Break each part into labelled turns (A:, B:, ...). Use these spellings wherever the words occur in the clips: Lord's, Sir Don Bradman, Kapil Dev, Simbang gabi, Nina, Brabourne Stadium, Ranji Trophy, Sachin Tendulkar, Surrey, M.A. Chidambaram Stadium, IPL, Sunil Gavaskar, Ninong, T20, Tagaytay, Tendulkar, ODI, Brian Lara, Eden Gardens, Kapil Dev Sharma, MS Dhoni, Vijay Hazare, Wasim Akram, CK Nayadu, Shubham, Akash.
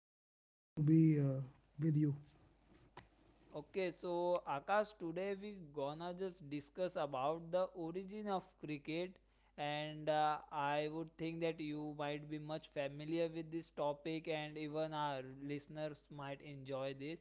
A: Very excited to be with you.
B: Okay, so Akash, today we gonna just discuss about the origin of cricket, and I would think that you might be much familiar with this topic, and even our listeners might enjoy this.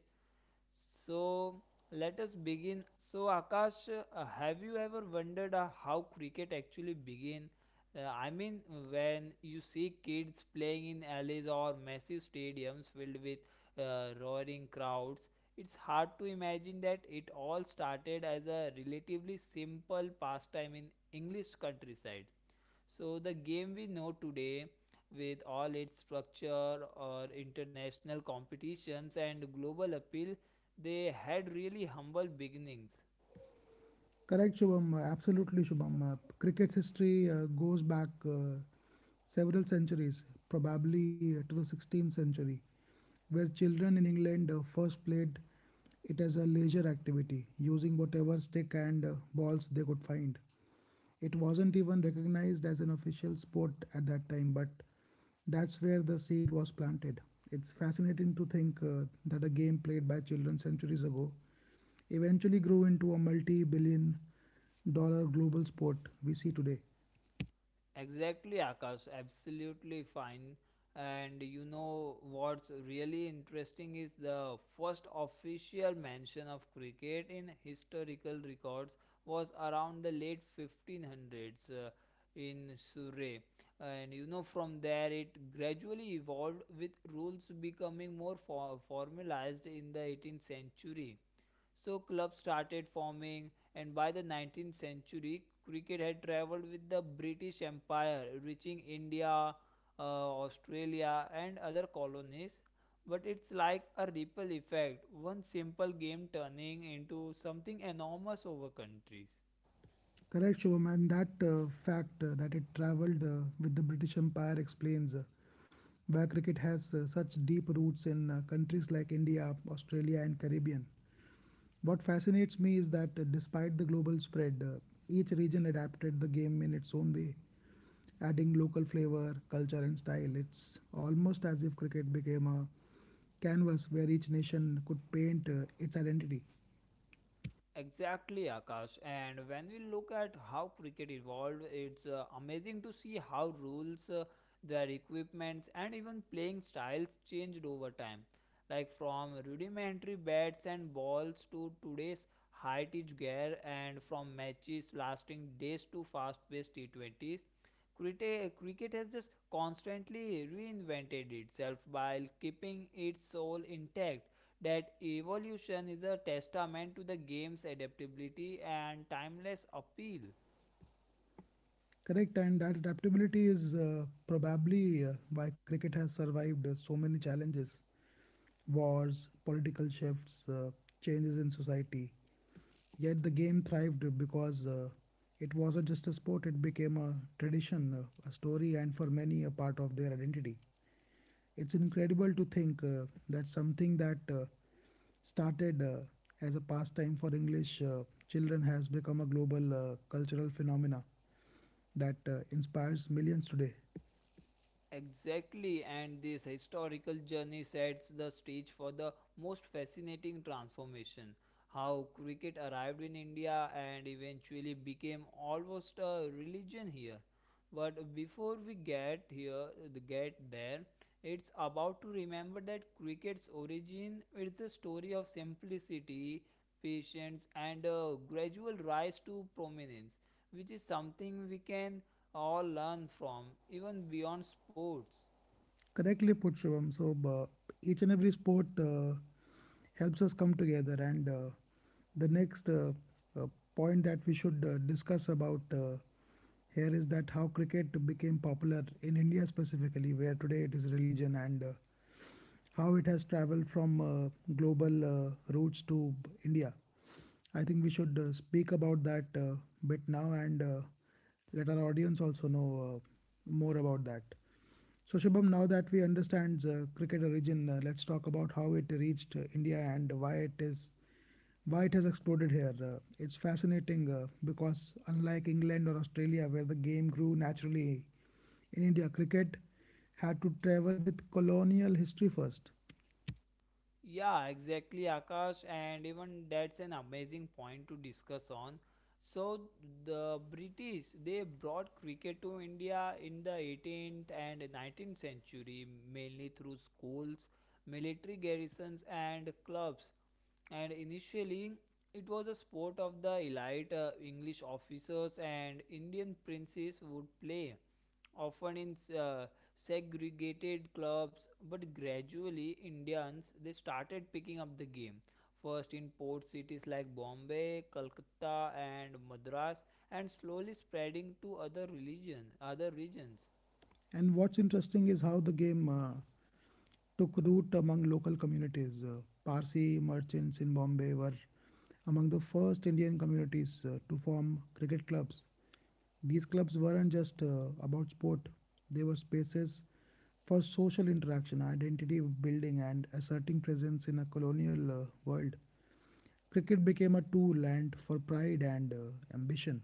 B: So let us begin. So Akash, have you ever wondered how cricket actually began? I mean, when you see kids playing in alleys or massive stadiums filled with roaring crowds, it's hard to imagine that it all started as a relatively simple pastime in English countryside. So, the game we know today, with all its structure or international competitions and global appeal, they had really humble beginnings.
A: Correct, Shubham. Absolutely, Shubham. Cricket's history goes back several centuries, probably to the 16th century, where children in England first played it as a leisure activity, using whatever stick and balls they could find. It wasn't even recognized as an official sport at that time, but that's where the seed was planted. It's fascinating to think that a game played by children centuries ago eventually grew into a multi billion dollar global sport we see today.
B: Exactly, Akash. Absolutely fine. And you know what's really interesting is the first official mention of cricket in historical records was around the late 1500s in Surrey. And you know, from there it gradually evolved with rules becoming more formalized in the 18th century. So clubs started forming, and by the 19th century, cricket had traveled with the British Empire, reaching India, Australia, and other colonies. But it's like a ripple effect, one simple game turning into something enormous over countries.
A: Correct, Shubham. And that fact that it traveled with the British Empire explains why cricket has such deep roots in countries like India, Australia, and Caribbean. What fascinates me is that despite the global spread, each region adapted the game in its own way, adding local flavor, culture, and style. It's almost as if cricket became a canvas where each nation could paint its identity.
B: Exactly, Akash. And when we look at how cricket evolved, it's amazing to see how rules, their equipments, and even playing styles changed over time. Like from rudimentary bats and balls to today's high pitch gear, and from matches lasting days to fast paced T20s, cricket has just constantly reinvented itself while keeping its soul intact. That evolution is a testament to the game's adaptability and timeless appeal.
A: Correct, and that adaptability is probably why cricket has survived so many challenges. Wars, political shifts, changes in society. Yet the game thrived because it wasn't just a sport, it became a tradition, a story, and for many, a part of their identity. It's incredible to think that something that started as a pastime for English children has become a global cultural phenomena that inspires millions today.
B: Exactly, and this historical journey sets the stage for the most fascinating transformation. How cricket arrived in India and eventually became almost a religion here. But before we get there, it's about to remember that cricket's origin is the story of simplicity, patience, and a gradual rise to prominence, which is something we can all learn from, even beyond sports.
A: Correctly put, Shivam. So each and every sport helps us come together. And the next uh, point that we should discuss about here is that how cricket became popular in India specifically, where today it is religion and how it has traveled from global roots to India. I think we should speak about that bit now and let our audience also know more about that. So, Shubham, now that we understand cricket origin, let's talk about how it reached India and why it has exploded here. It's fascinating because unlike England or Australia, where the game grew naturally in India, cricket had to travel with colonial history first.
B: Yeah, exactly, Akash, and even that's an amazing point to discuss on. So the British they brought cricket to India in the 18th and 19th century mainly through schools, military garrisons and clubs. And initially it was a sport of the elite English officers and Indian princes would play often in segregated clubs, but gradually Indians they started picking up the game first in port cities like Bombay, Calcutta and Madras, and slowly spreading to other regions.
A: And what's interesting is how the game took root among local communities. Parsi merchants in Bombay were among the first Indian communities to form cricket clubs. These clubs weren't just about sport, they were spaces for social interaction, identity building, and asserting presence in a colonial world. Cricket became a tool and for pride and ambition.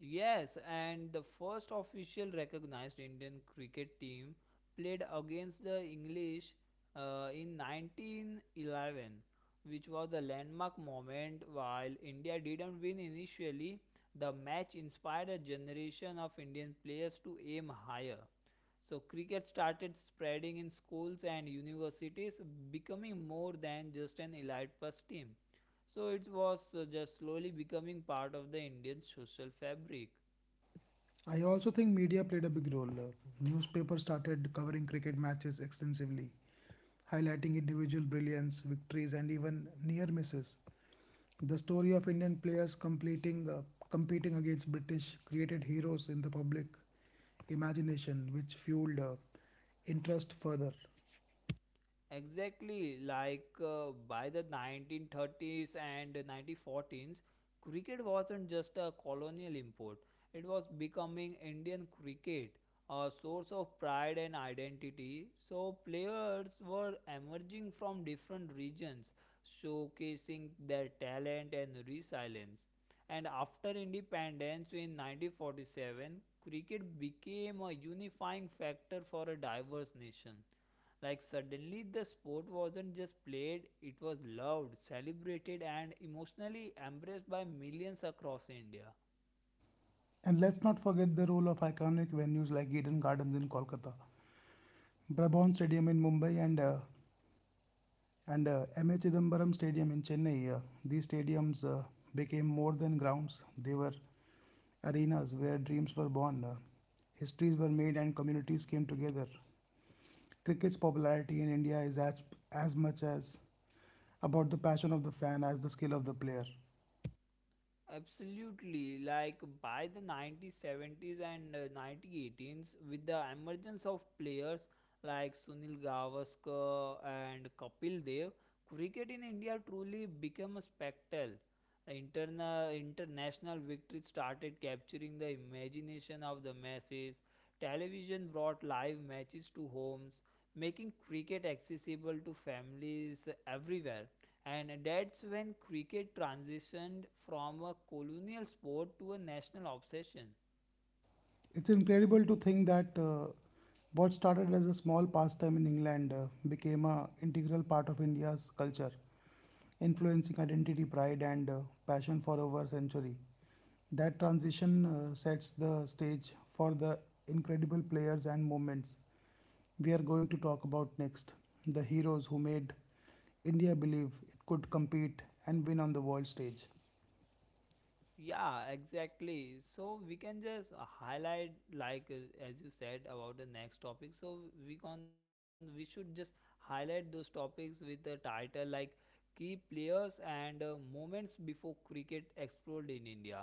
B: Yes, and the first official recognized Indian cricket team played against the English in 1911, which was a landmark moment. While India didn't win initially, the match inspired a generation of Indian players to aim higher. So cricket started spreading in schools and universities, becoming more than just an elite first team. So it was just slowly becoming part of the Indian social fabric.
A: I also think media played a big role. Newspapers started covering cricket matches extensively, highlighting individual brilliance, victories, and even near misses. The story of Indian players completing competing against British created heroes in the public imagination, which fueled interest further.
B: Exactly, like by the 1930s and 1940s, cricket wasn't just a colonial import, it was becoming Indian cricket, a source of pride and identity. So, players were emerging from different regions, showcasing their talent and resilience. And after independence in 1947, cricket became a unifying factor for a diverse nation. Like suddenly the sport wasn't just played, it was loved, celebrated and emotionally embraced by millions across India.
A: And let's not forget the role of iconic venues like Eden Gardens in Kolkata, Brabourne Stadium in Mumbai, and M.A. Chidambaram Stadium in Chennai. These stadiums became more than grounds, they were arenas where dreams were born, histories were made, and communities came together. Cricket's popularity in India is as much as about the passion of the fan as the skill of the player.
B: Absolutely. Like by the 1970s and 1918s, with the emergence of players like Sunil Gavaskar and Kapil Dev, cricket in India truly became a spectacle. International victories started capturing the imagination of the masses. Television brought live matches to homes, making cricket accessible to families everywhere, and that's when cricket transitioned from a colonial sport to a national obsession.
A: It's incredible to think that what started as a small pastime in England became an integral part of India's culture, influencing identity, pride, and passion for over a century. That transition sets the stage for the incredible players and moments we are going to talk about next. The heroes who made India believe it could compete and win on the world stage.
B: Yeah, exactly, so we can just highlight like as you said about the next topic. So we can we should just highlight those topics with the title like key players and moments before cricket exploded in India.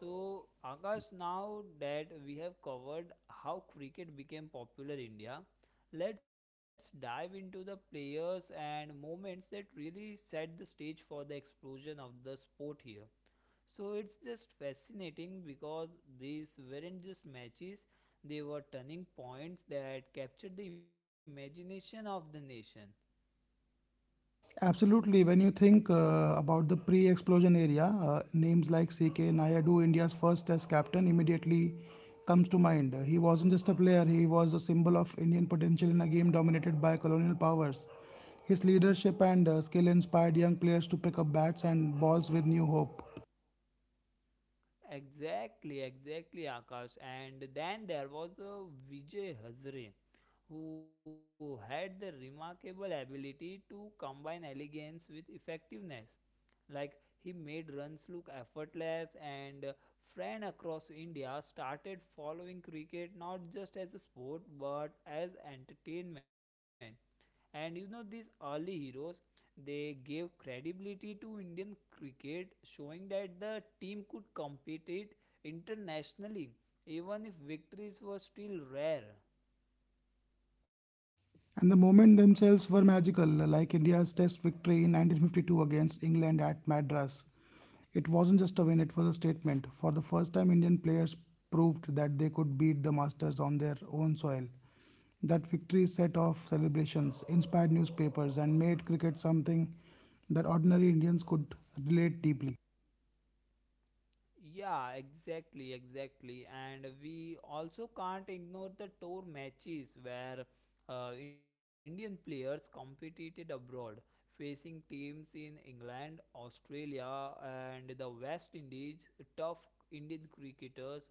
B: So, Akash, now that we have covered how cricket became popular in India, let's dive into the players and moments that really set the stage for the explosion of the sport here. So, it's just fascinating because these weren't just matches, they were turning points that captured the imagination of the nation.
A: Absolutely. When you think about the pre explosion area, names like CK Nayadu, India's first test captain, immediately comes to mind. He wasn't just a player, he was a symbol of Indian potential in a game dominated by colonial powers. His leadership and skill inspired young players to pick up bats and balls with new hope.
B: Exactly, exactly, Akash. And then there was Vijay Hazare, who had the remarkable ability to combine elegance with effectiveness. Like he made runs look effortless, and friends across India started following cricket not just as a sport but as entertainment. And you know, these early heroes they gave credibility to Indian cricket, showing that the team could compete it internationally, even if victories were still rare.
A: And the moment themselves were magical, like India's test victory in 1952 against England at Madras. It wasn't just a win, it was a statement. For the first time, Indian players proved that they could beat the Masters on their own soil. That victory set off celebrations, inspired newspapers, and made cricket something that ordinary Indians could relate deeply.
B: Yeah, exactly, exactly. And we also can't ignore the tour matches where Indian players competed abroad, facing teams in England, Australia, and the West Indies. Tough Indian cricketers,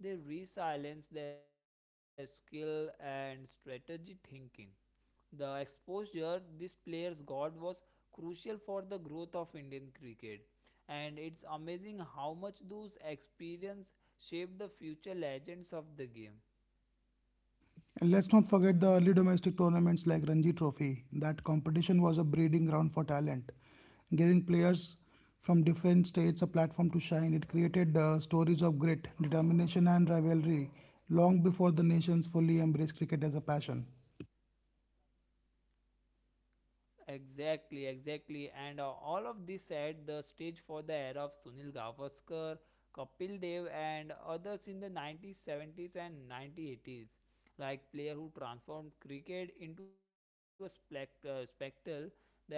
B: they resilience their skill and strategy thinking. The exposure these players got was crucial for the growth of Indian cricket, and it's amazing how much those experiences shape the future legends of the game.
A: And let's not forget the early domestic tournaments like Ranji Trophy. That competition was a breeding ground for talent, giving players from different states a platform to shine. It created stories of grit, determination, and rivalry long before the nations fully embraced cricket as a passion.
B: Exactly, exactly, and all of this set the stage for the era of Sunil Gavaskar, Kapil Dev, and others in the 1970s and 1980s, like player who transformed cricket into a spectacle that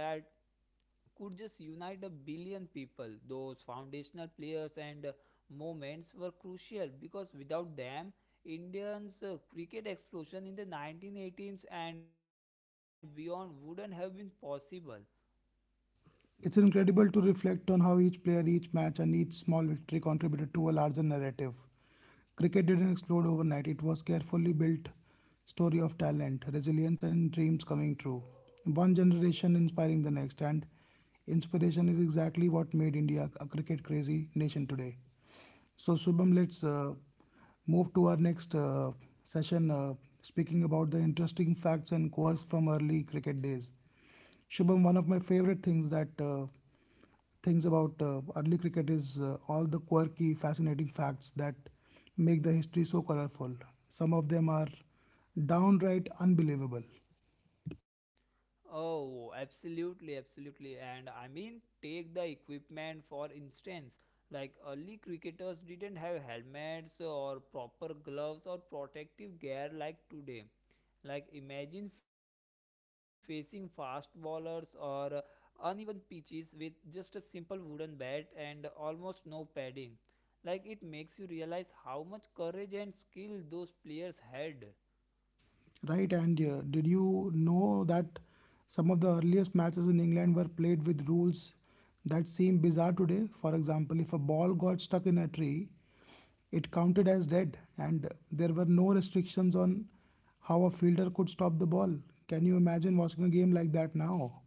B: could just unite a billion people. Those foundational players and moments were crucial because without them, Indians' cricket explosion in the 1918s and beyond wouldn't have been possible.
A: It's incredible to reflect on how each player, each match, and each small victory contributed to a larger narrative. Cricket didn't explode overnight, it was carefully built story of talent, resilience, and dreams coming true. One generation inspiring the next, and inspiration is exactly what made India a cricket crazy nation today. So, Shubham, let's move to our next session, speaking about the interesting facts and quirks from early cricket days. Shubham, one of my favorite things about early cricket is all the quirky, fascinating facts that make the history so colorful. Some of them are downright unbelievable.
B: Oh, absolutely, absolutely. And I mean, take the equipment for instance. Like early cricketers didn't have helmets or proper gloves or protective gear like today. Like imagine facing fast bowlers or uneven pitches with just a simple wooden bat and almost no padding. Like it makes you realize how much courage and skill those players had.
A: Right, and did you know that some of the earliest matches in England were played with rules that seem bizarre today? For example, if a ball got stuck in a tree, it counted as dead, and there were no restrictions on how a fielder could stop the ball. Can you imagine watching a game like that now?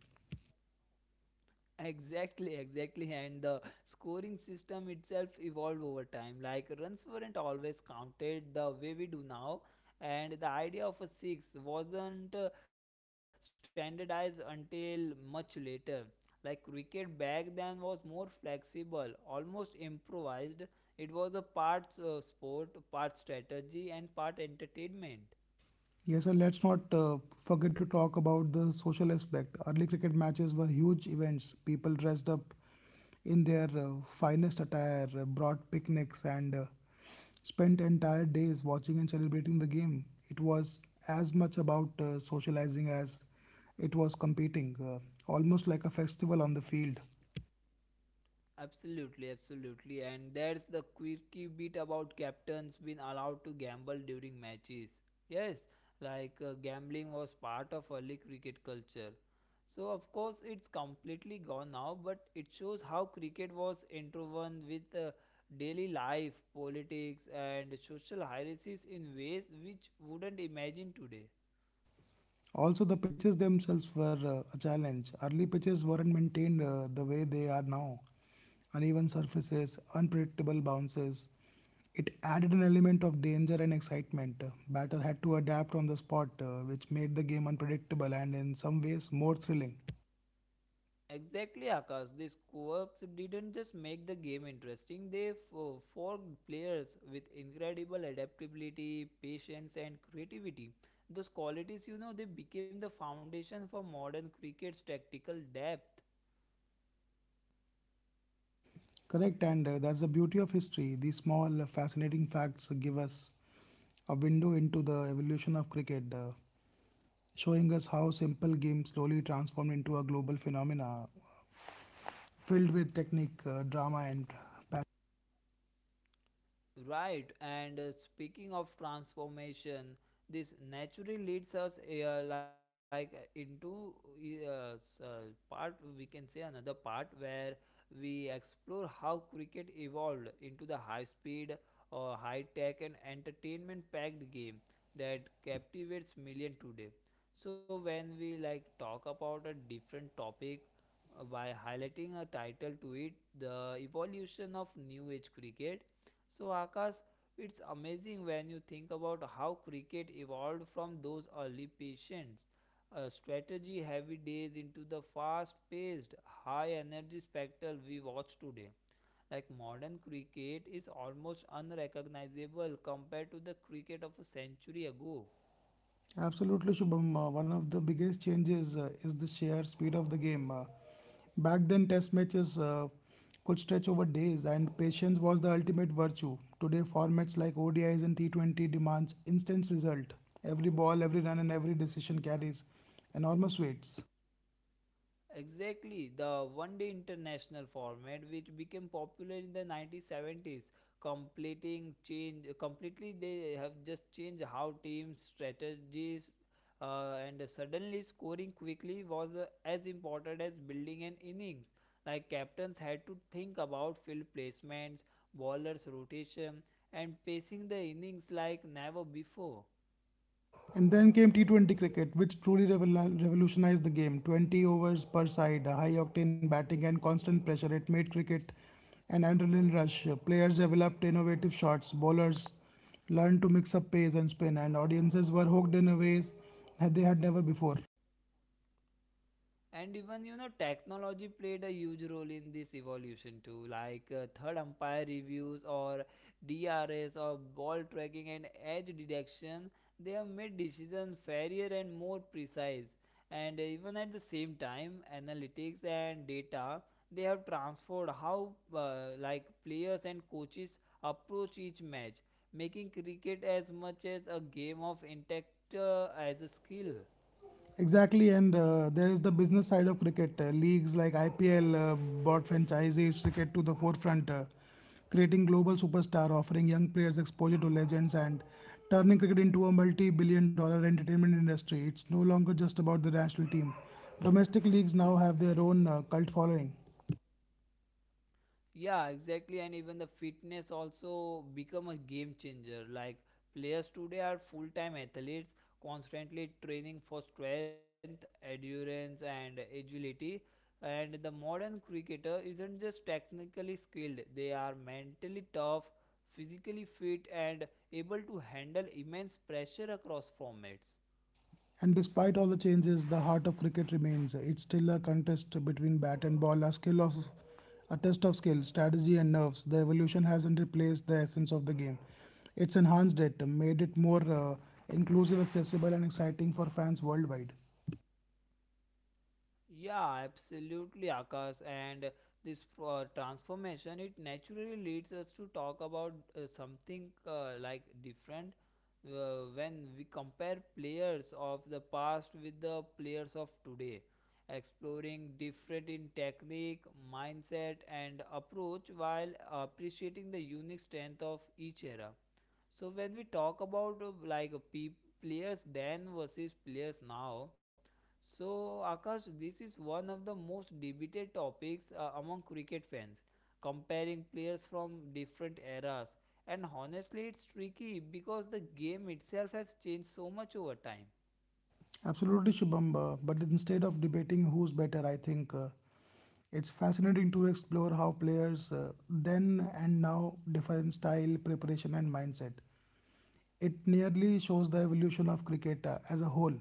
B: Exactly, exactly. And the scoring system itself evolved over time. Like runs weren't always counted the way we do now. And the idea of a six wasn't standardized until much later. Like cricket back then was more flexible, almost improvised. It was a part sport, part strategy, and part entertainment.
A: Yes, and let's not forget to talk about the social aspect. Early cricket matches were huge events. People dressed up in their finest attire, brought picnics, and spent entire days watching and celebrating the game. It was as much about socializing as it was competing, almost like a festival on the field.
B: Absolutely, absolutely. And that's the quirky bit about captains being allowed to gamble during matches. Yes, like gambling was part of early cricket culture. So, of course, it's completely gone now, but it shows how cricket was interwoven with daily life, politics, and social hierarchies in ways which wouldn't imagine today.
A: Also, the pitches themselves were a challenge. Early pitches weren't maintained the way they are now. Uneven surfaces, unpredictable bounces. It added an element of danger and excitement. Batter had to adapt on the spot, which made the game unpredictable and in some ways more thrilling.
B: Exactly, Akash. These quirks didn't just make the game interesting, they forged players with incredible adaptability, patience, and creativity. Those qualities, you know, they became the foundation for modern cricket's tactical depth.
A: Correct, and that's the beauty of history. These small, fascinating facts give us a window into the evolution of cricket, showing us how simple games slowly transformed into a global phenomena filled with technique, drama, and passion.
B: Right, and speaking of transformation, this naturally leads us like into uh, s- uh, part we can say another part where we explore how cricket evolved into the high speed or high tech and entertainment packed game that captivates million today. So when we like talk about a different topic by highlighting a title to it, the evolution of new age cricket. So, Akash, it's amazing when you think about how cricket evolved from those early patients, strategy heavy days into the fast paced, high energy spectacle we watch today. Like modern cricket is almost unrecognizable compared to the cricket of a century ago.
A: Absolutely, Shubham. One of the biggest changes is the sheer speed of the game. Back then, test matches could stretch over days, and patience was the ultimate virtue. Today, formats like ODIs and T20 demands instant result. Every ball, every run, and every decision carries enormous weights.
B: Exactly, the one day international format which became popular in the 1970s, completing change completely they have just changed how teams strategies, and suddenly scoring quickly was as important as building an innings. Like captains had to think about field placements, bowlers rotation and pacing the innings like never before.
A: And then came T20 cricket, which truly revolutionized the game. 20 overs per side, high octane batting, and constant pressure. It made cricket an adrenaline rush. Players developed innovative shots, bowlers learned to mix up pace and spin, and audiences were hooked in a ways that they had never before.
B: And even you know, technology played a huge role in this evolution too, like third umpire reviews or DRS or ball tracking and edge detection, they have made decisions fairer and more precise. And even at the same time, analytics and data, they have transformed how like players and coaches approach each match, making cricket as much as a game of intellect as a skill.
A: Exactly, and there is the business side of cricket. Leagues like IPL brought franchises cricket to the forefront, creating global superstar, offering young players exposure to legends, and turning cricket into a multi-billion-dollar entertainment industry. It's no longer just about the national team. Domestic leagues now have their own cult following.
B: Yeah, exactly. And even the fitness also become a game changer. Like players today are full-time athletes, constantly training for strength, endurance, and agility. And the modern cricketer isn't just technically skilled, they are mentally tough, physically fit, and able to handle immense pressure across formats.
A: And despite all the changes, the heart of cricket remains. It's still a contest between bat and ball, a test of skill, strategy and nerves. The evolution hasn't replaced the essence of the game. It's enhanced it, made it more inclusive, accessible and exciting for fans worldwide.
B: Yeah, absolutely, Akash. And this transformation, it naturally leads us to talk about something like different when we compare players of the past with the players of today, exploring different in technique, mindset, and approach while appreciating the unique strength of each era. So when we talk about like players then versus players now, so Akash, this is one of the most debated topics among cricket fans, comparing players from different eras. And honestly, it's tricky because the game itself has changed so much over time.
A: Absolutely, Shubham. But instead of debating who's better, I think it's fascinating to explore how players then and now define style, preparation, and mindset. It nearly shows the evolution of cricket as a whole.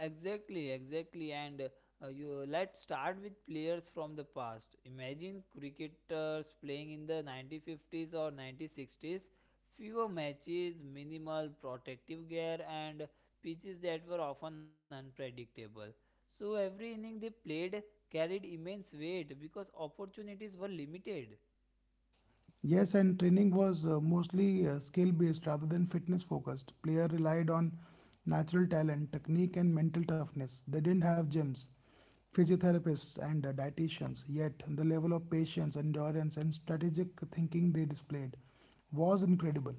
B: Exactly, exactly. And you let's start with players from the past. Imagine cricketers playing in the 1950s or 1960s. Fewer matches, minimal protective gear, and pitches that were often unpredictable. So every inning they played carried immense weight because opportunities were limited.
A: Yes, and training was mostly skill based rather than fitness focused. Player relied on natural talent, technique, and mental toughness. They didn't have gyms, physiotherapists, and dietitians, yet, the level of patience, endurance, and strategic thinking they displayed was incredible.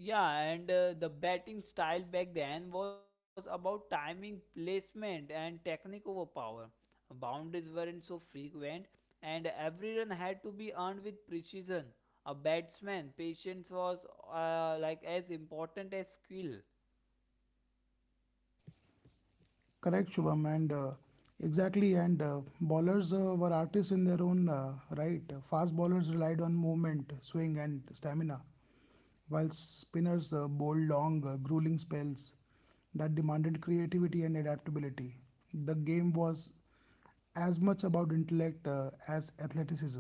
B: Yeah, and the batting style back then was about timing, placement, and technique over power. Boundaries weren't so frequent, and every run had to be earned with precision. A batsman, patience was as important as skill.
A: Correct, Shubham, and Exactly. And bowlers were artists in their own right. Fast bowlers relied on movement, swing, and stamina, while spinners bowled long, grueling spells that demanded creativity and adaptability. The game was as much about intellect as athleticism.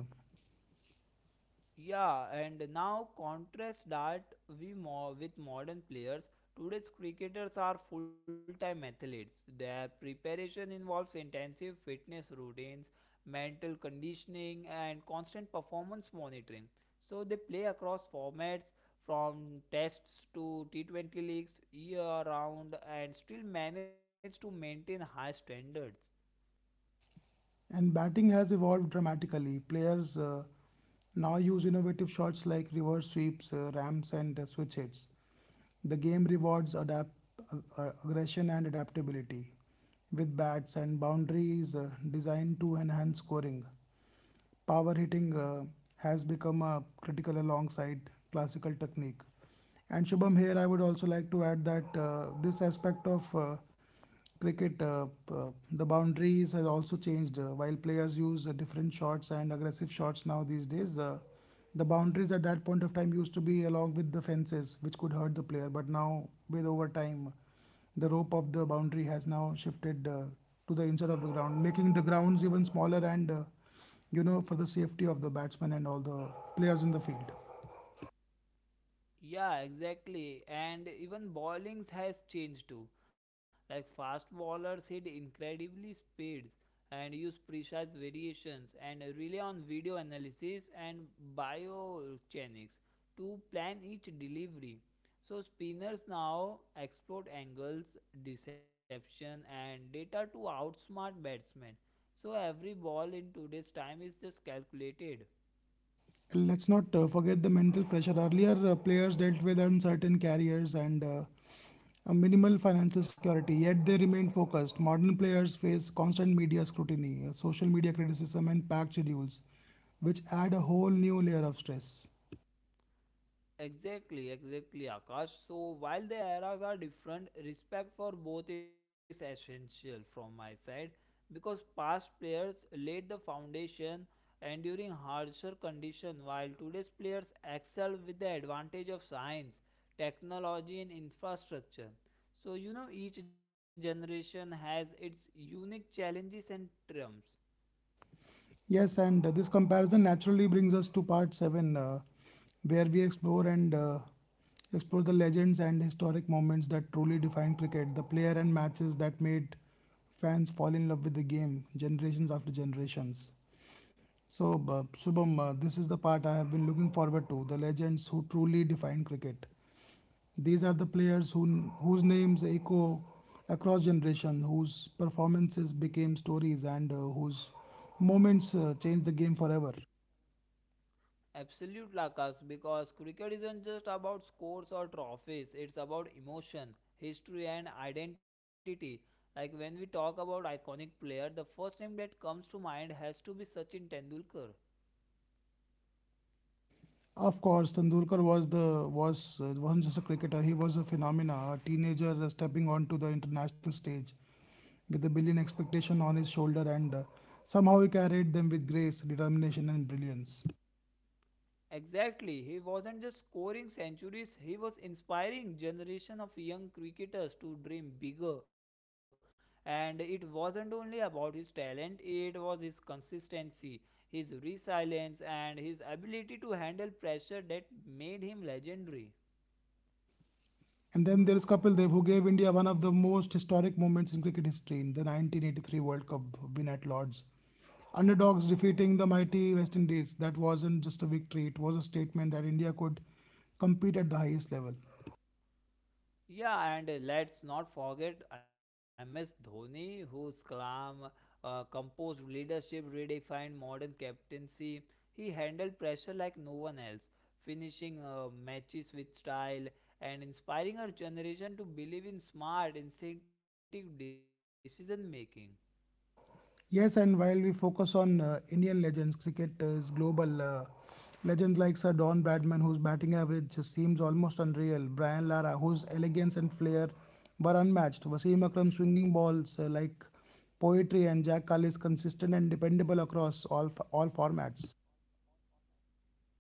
B: Yeah, and now contrast that with modern players. Today's cricketers are full-time athletes. Their preparation involves intensive fitness routines, mental conditioning, and constant performance monitoring. So they play across formats from tests to T20 leagues year round and still manage to maintain high standards.
A: And batting has evolved dramatically. Players now use innovative shots like reverse sweeps, ramps, and switch hits. The game rewards aggression and adaptability, with bats and boundaries designed to enhance scoring. Power hitting has become a critical alongside classical technique. And Shubham, here I would also like to add that this aspect of cricket, the boundaries has also changed. While players use different shots and aggressive shots now these days, the boundaries at that point of time used to be along with the fences, which could hurt the player. But now, with over time, the rope of the boundary has now shifted to the inside of the ground, making the grounds even smaller and for the safety of the batsmen and all the players in the field.
B: Yeah, exactly. And even bowlings has changed too. Like fast bowlers hit incredibly speeds and use precise variations and rely on video analysis and biomechanics to plan each delivery. So spinners now exploit angles, deception and data to outsmart batsmen. So every ball in today's time is just calculated.
A: Let's not forget the mental pressure. Earlier, players dealt with uncertain careers and a minimal financial security, yet they remain focused. Modern players face constant media scrutiny, social media criticism, and packed schedules, which add a whole new layer of stress.
B: Exactly, exactly, Akash. So while the eras are different, respect for both is essential from my side because past players laid the foundation enduring harsher conditions, while today's players excel with the advantage of science, technology and infrastructure. So you know each generation has its unique challenges and triumphs.
A: Yes, and this comparison naturally brings us to part 7, where we explore and explore the legends and historic moments that truly define cricket, the player and matches that made fans fall in love with the game generations after generations. So, Shubham, this is the part I have been looking forward to the legends who truly define cricket. These are the players who, whose names echo across generation, whose performances became stories, and whose moments changed the game forever.
B: Absolute Lakas, because cricket isn't just about scores or trophies, it's about emotion, history, and identity. Like when we talk about iconic player, the first name that comes to mind has to be Sachin Tendulkar.
A: Of course, Tendulkar was the was wasn't just a cricketer; he was a phenomena, a teenager stepping onto the international stage with a billion expectation on his shoulder, and somehow he carried them with grace, determination, and brilliance.
B: Exactly, he wasn't just scoring centuries, he was inspiring generation of young cricketers to dream bigger. And it wasn't only about his talent, it was his consistency, his resilience and his ability to handle pressure that made him legendary.
A: And then there is Kapil Dev, who gave India one of the most historic moments in cricket history in the 1983 World Cup win at Lord's. Underdogs defeating the mighty West Indies. That wasn't just a victory, it was a statement that India could compete at the highest level.
B: Yeah, and let's not forget MS Dhoni, whose calm, composed leadership redefined modern captaincy. He handled pressure like no one else, finishing matches with style and inspiring our generation to believe in smart, instinctive decision making.
A: Yes, and while we focus on Indian legends, cricket is global. Legends like Sir Don Bradman, whose batting average just seems almost unreal, Brian Lara, whose elegance and flair were unmatched, Wasim Akram swinging balls like poetry, and Jack Carl consistent and dependable across all formats.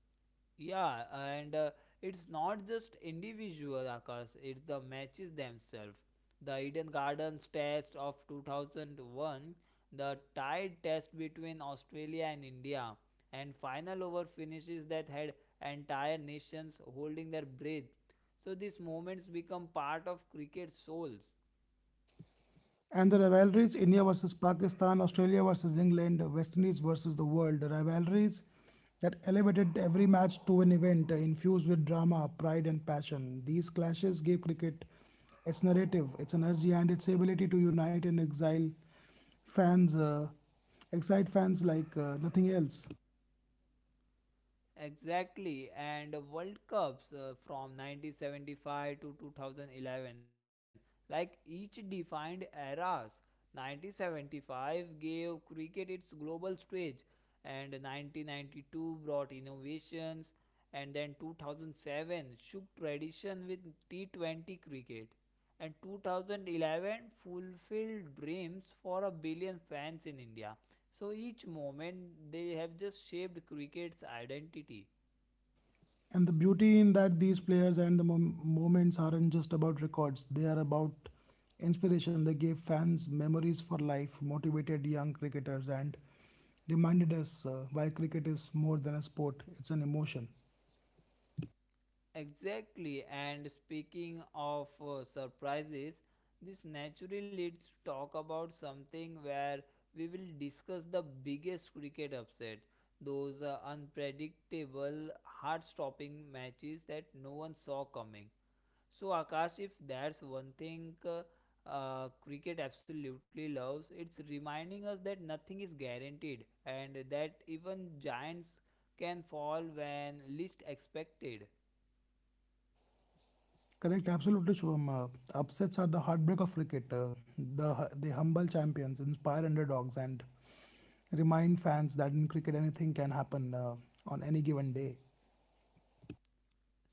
B: Yeah, and it's not just individual Akash, it's the matches themselves. The Eden Gardens test of 2001, the tied test between Australia and India, and final over finishes that had entire nations holding their breath. So these moments become part of cricket souls.
A: And the rivalries India versus Pakistan, Australia versus England, West Indies versus the world, rivalries that elevated every match to an event infused with drama, pride, and passion. These clashes gave cricket its narrative, its energy, and its ability to unite and fans, uh, excite fans like nothing else.
B: Exactly, and World Cups from 1975 to 2011, like each defined eras. 1975 gave cricket its global stage, and 1992 brought innovations, and then 2007 shook tradition with T20 cricket, and 2011 fulfilled dreams for a billion fans in India. So each moment they have just shaped cricket's identity.
A: And the beauty in that these players and the moments aren't just about records, they are about inspiration. They gave fans memories for life, motivated young cricketers, and reminded us why cricket is more than a sport, it's an emotion.
B: Exactly, and speaking of surprises, this naturally leads to talk about something where we will discuss the biggest cricket upset, those unpredictable, heart stopping matches that no one saw coming. So, Akash, if there's one thing cricket absolutely loves, it's reminding us that nothing is guaranteed and that even giants can fall when least expected.
A: Correct, absolutely, Shubham. Upsets are the heartbreak of cricket. They humble champions, inspire underdogs, and remind fans that in cricket anything can happen on any given day.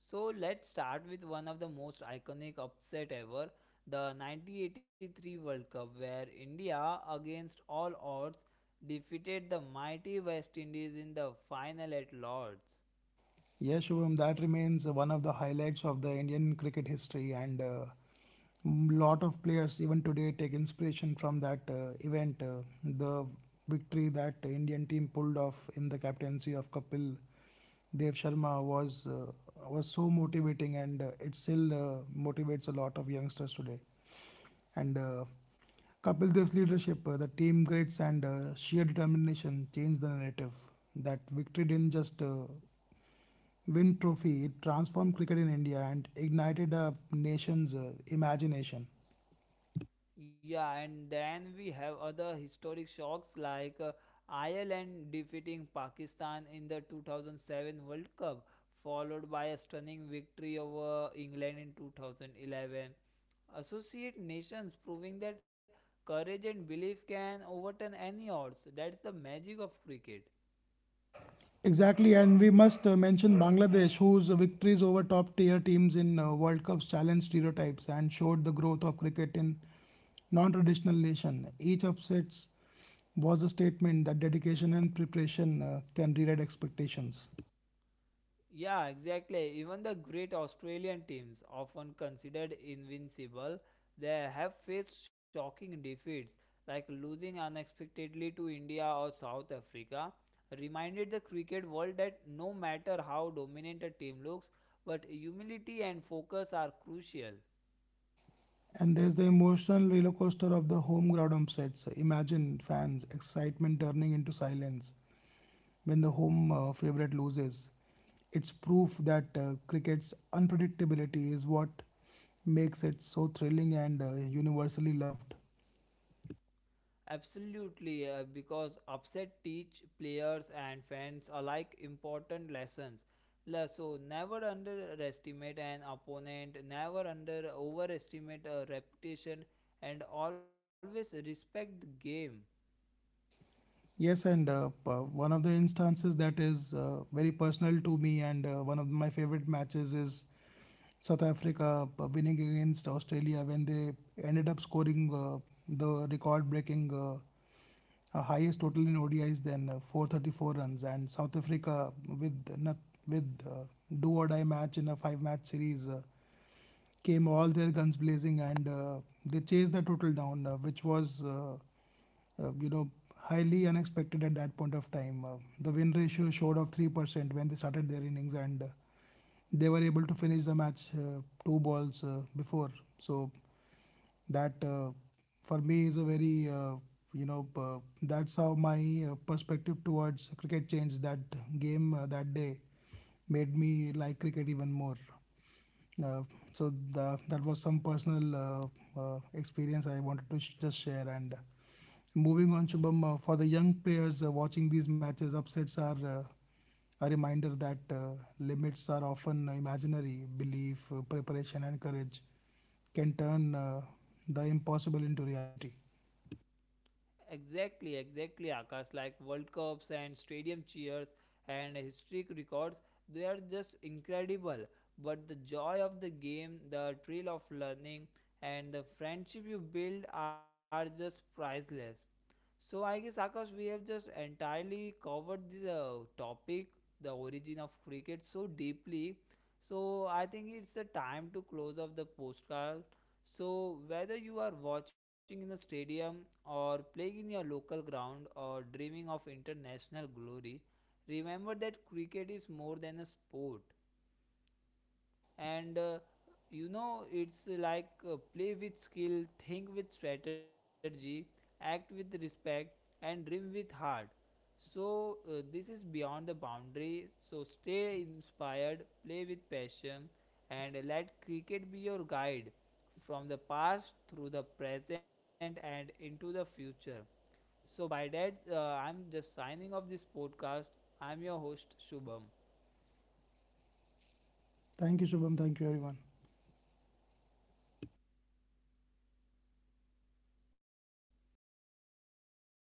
B: So, let's start with one of the most iconic upset ever the 1983 World Cup, where India, against all odds, defeated the mighty West Indies in the final at Lord's.
A: Yeah, Shubham, that remains one of the highlights of the Indian cricket history, and a lot of players even today take inspiration from that event. The victory that Indian team pulled off in the captaincy of Kapil Dev Sharma was so motivating, and it still motivates a lot of youngsters today. And Kapil Dev's leadership, the team grits, and sheer determination changed the narrative. That victory didn't just win trophy, it transformed cricket in India and ignited a nation's imagination.
B: Yeah, and then we have other historic shocks like Ireland defeating Pakistan in the 2007 World Cup, followed by a stunning victory over England in 2011. Associate nations proving that courage and belief can overturn any odds. That's the magic of cricket.
A: Exactly, and we must mention Bangladesh, whose victories over top tier teams in World Cups challenged stereotypes and showed the growth of cricket in non traditional nation. Each upsets was a statement that dedication and preparation can rewrite expectations.
B: Yeah, exactly. Even the great Australian teams, often considered invincible, they have faced shocking defeats like losing unexpectedly to India or South Africa. Reminded the cricket world that no matter how dominant a team looks, but humility and focus are crucial.
A: And there's the emotional roller coaster of the home ground upsets. Imagine fans' excitement turning into silence when the home favourite loses. It's proof that cricket's unpredictability is what makes it so thrilling and universally loved.
B: Absolutely, because upset teach players and fans alike important lessons. So never underestimate an opponent, never under overestimate a reputation, and always respect the game.
A: Yes, and one of the instances that is very personal to me, and one of my favorite matches is South Africa winning against Australia when they ended up scoring the record breaking. Highest total in ODIs than 434 runs, and South Africa with not, with do or die match in a 5 match series came all their guns blazing and they chased the total down, which was uh, you know highly unexpected at that point of time. The win ratio showed of 3% when they started their innings and. They were able to finish the match 2 balls before. So that for me is a very that's how my perspective towards cricket changed that game that day made me like cricket even more uh, so that was some personal experience I wanted to just share and moving on Shubham, for the young players watching these matches upsets are a reminder that limits are often imaginary belief preparation and courage can turn the impossible into reality.
B: Exactly, exactly, Akash. Like World Cups and stadium cheers and historic records, they are just incredible. But the joy of the game, the thrill of learning, and the friendship you build are just priceless. So I guess Akash, we have just entirely covered this topic, the origin of cricket, so deeply. So I think it's the time to close off the postcard, so whether you are watching in the stadium or playing in your local ground or dreaming of international glory, remember that cricket is more than a sport, and you know, it's like play with skill, think with strategy, act with respect, and dream with heart. So this is beyond the boundary. So stay inspired, play with passion, and let cricket be your guide from the past through the present and into the future. So by that I'm just signing off this podcast. I'm your host, Shubham.
A: Thank you, Shubham. Thank you, everyone.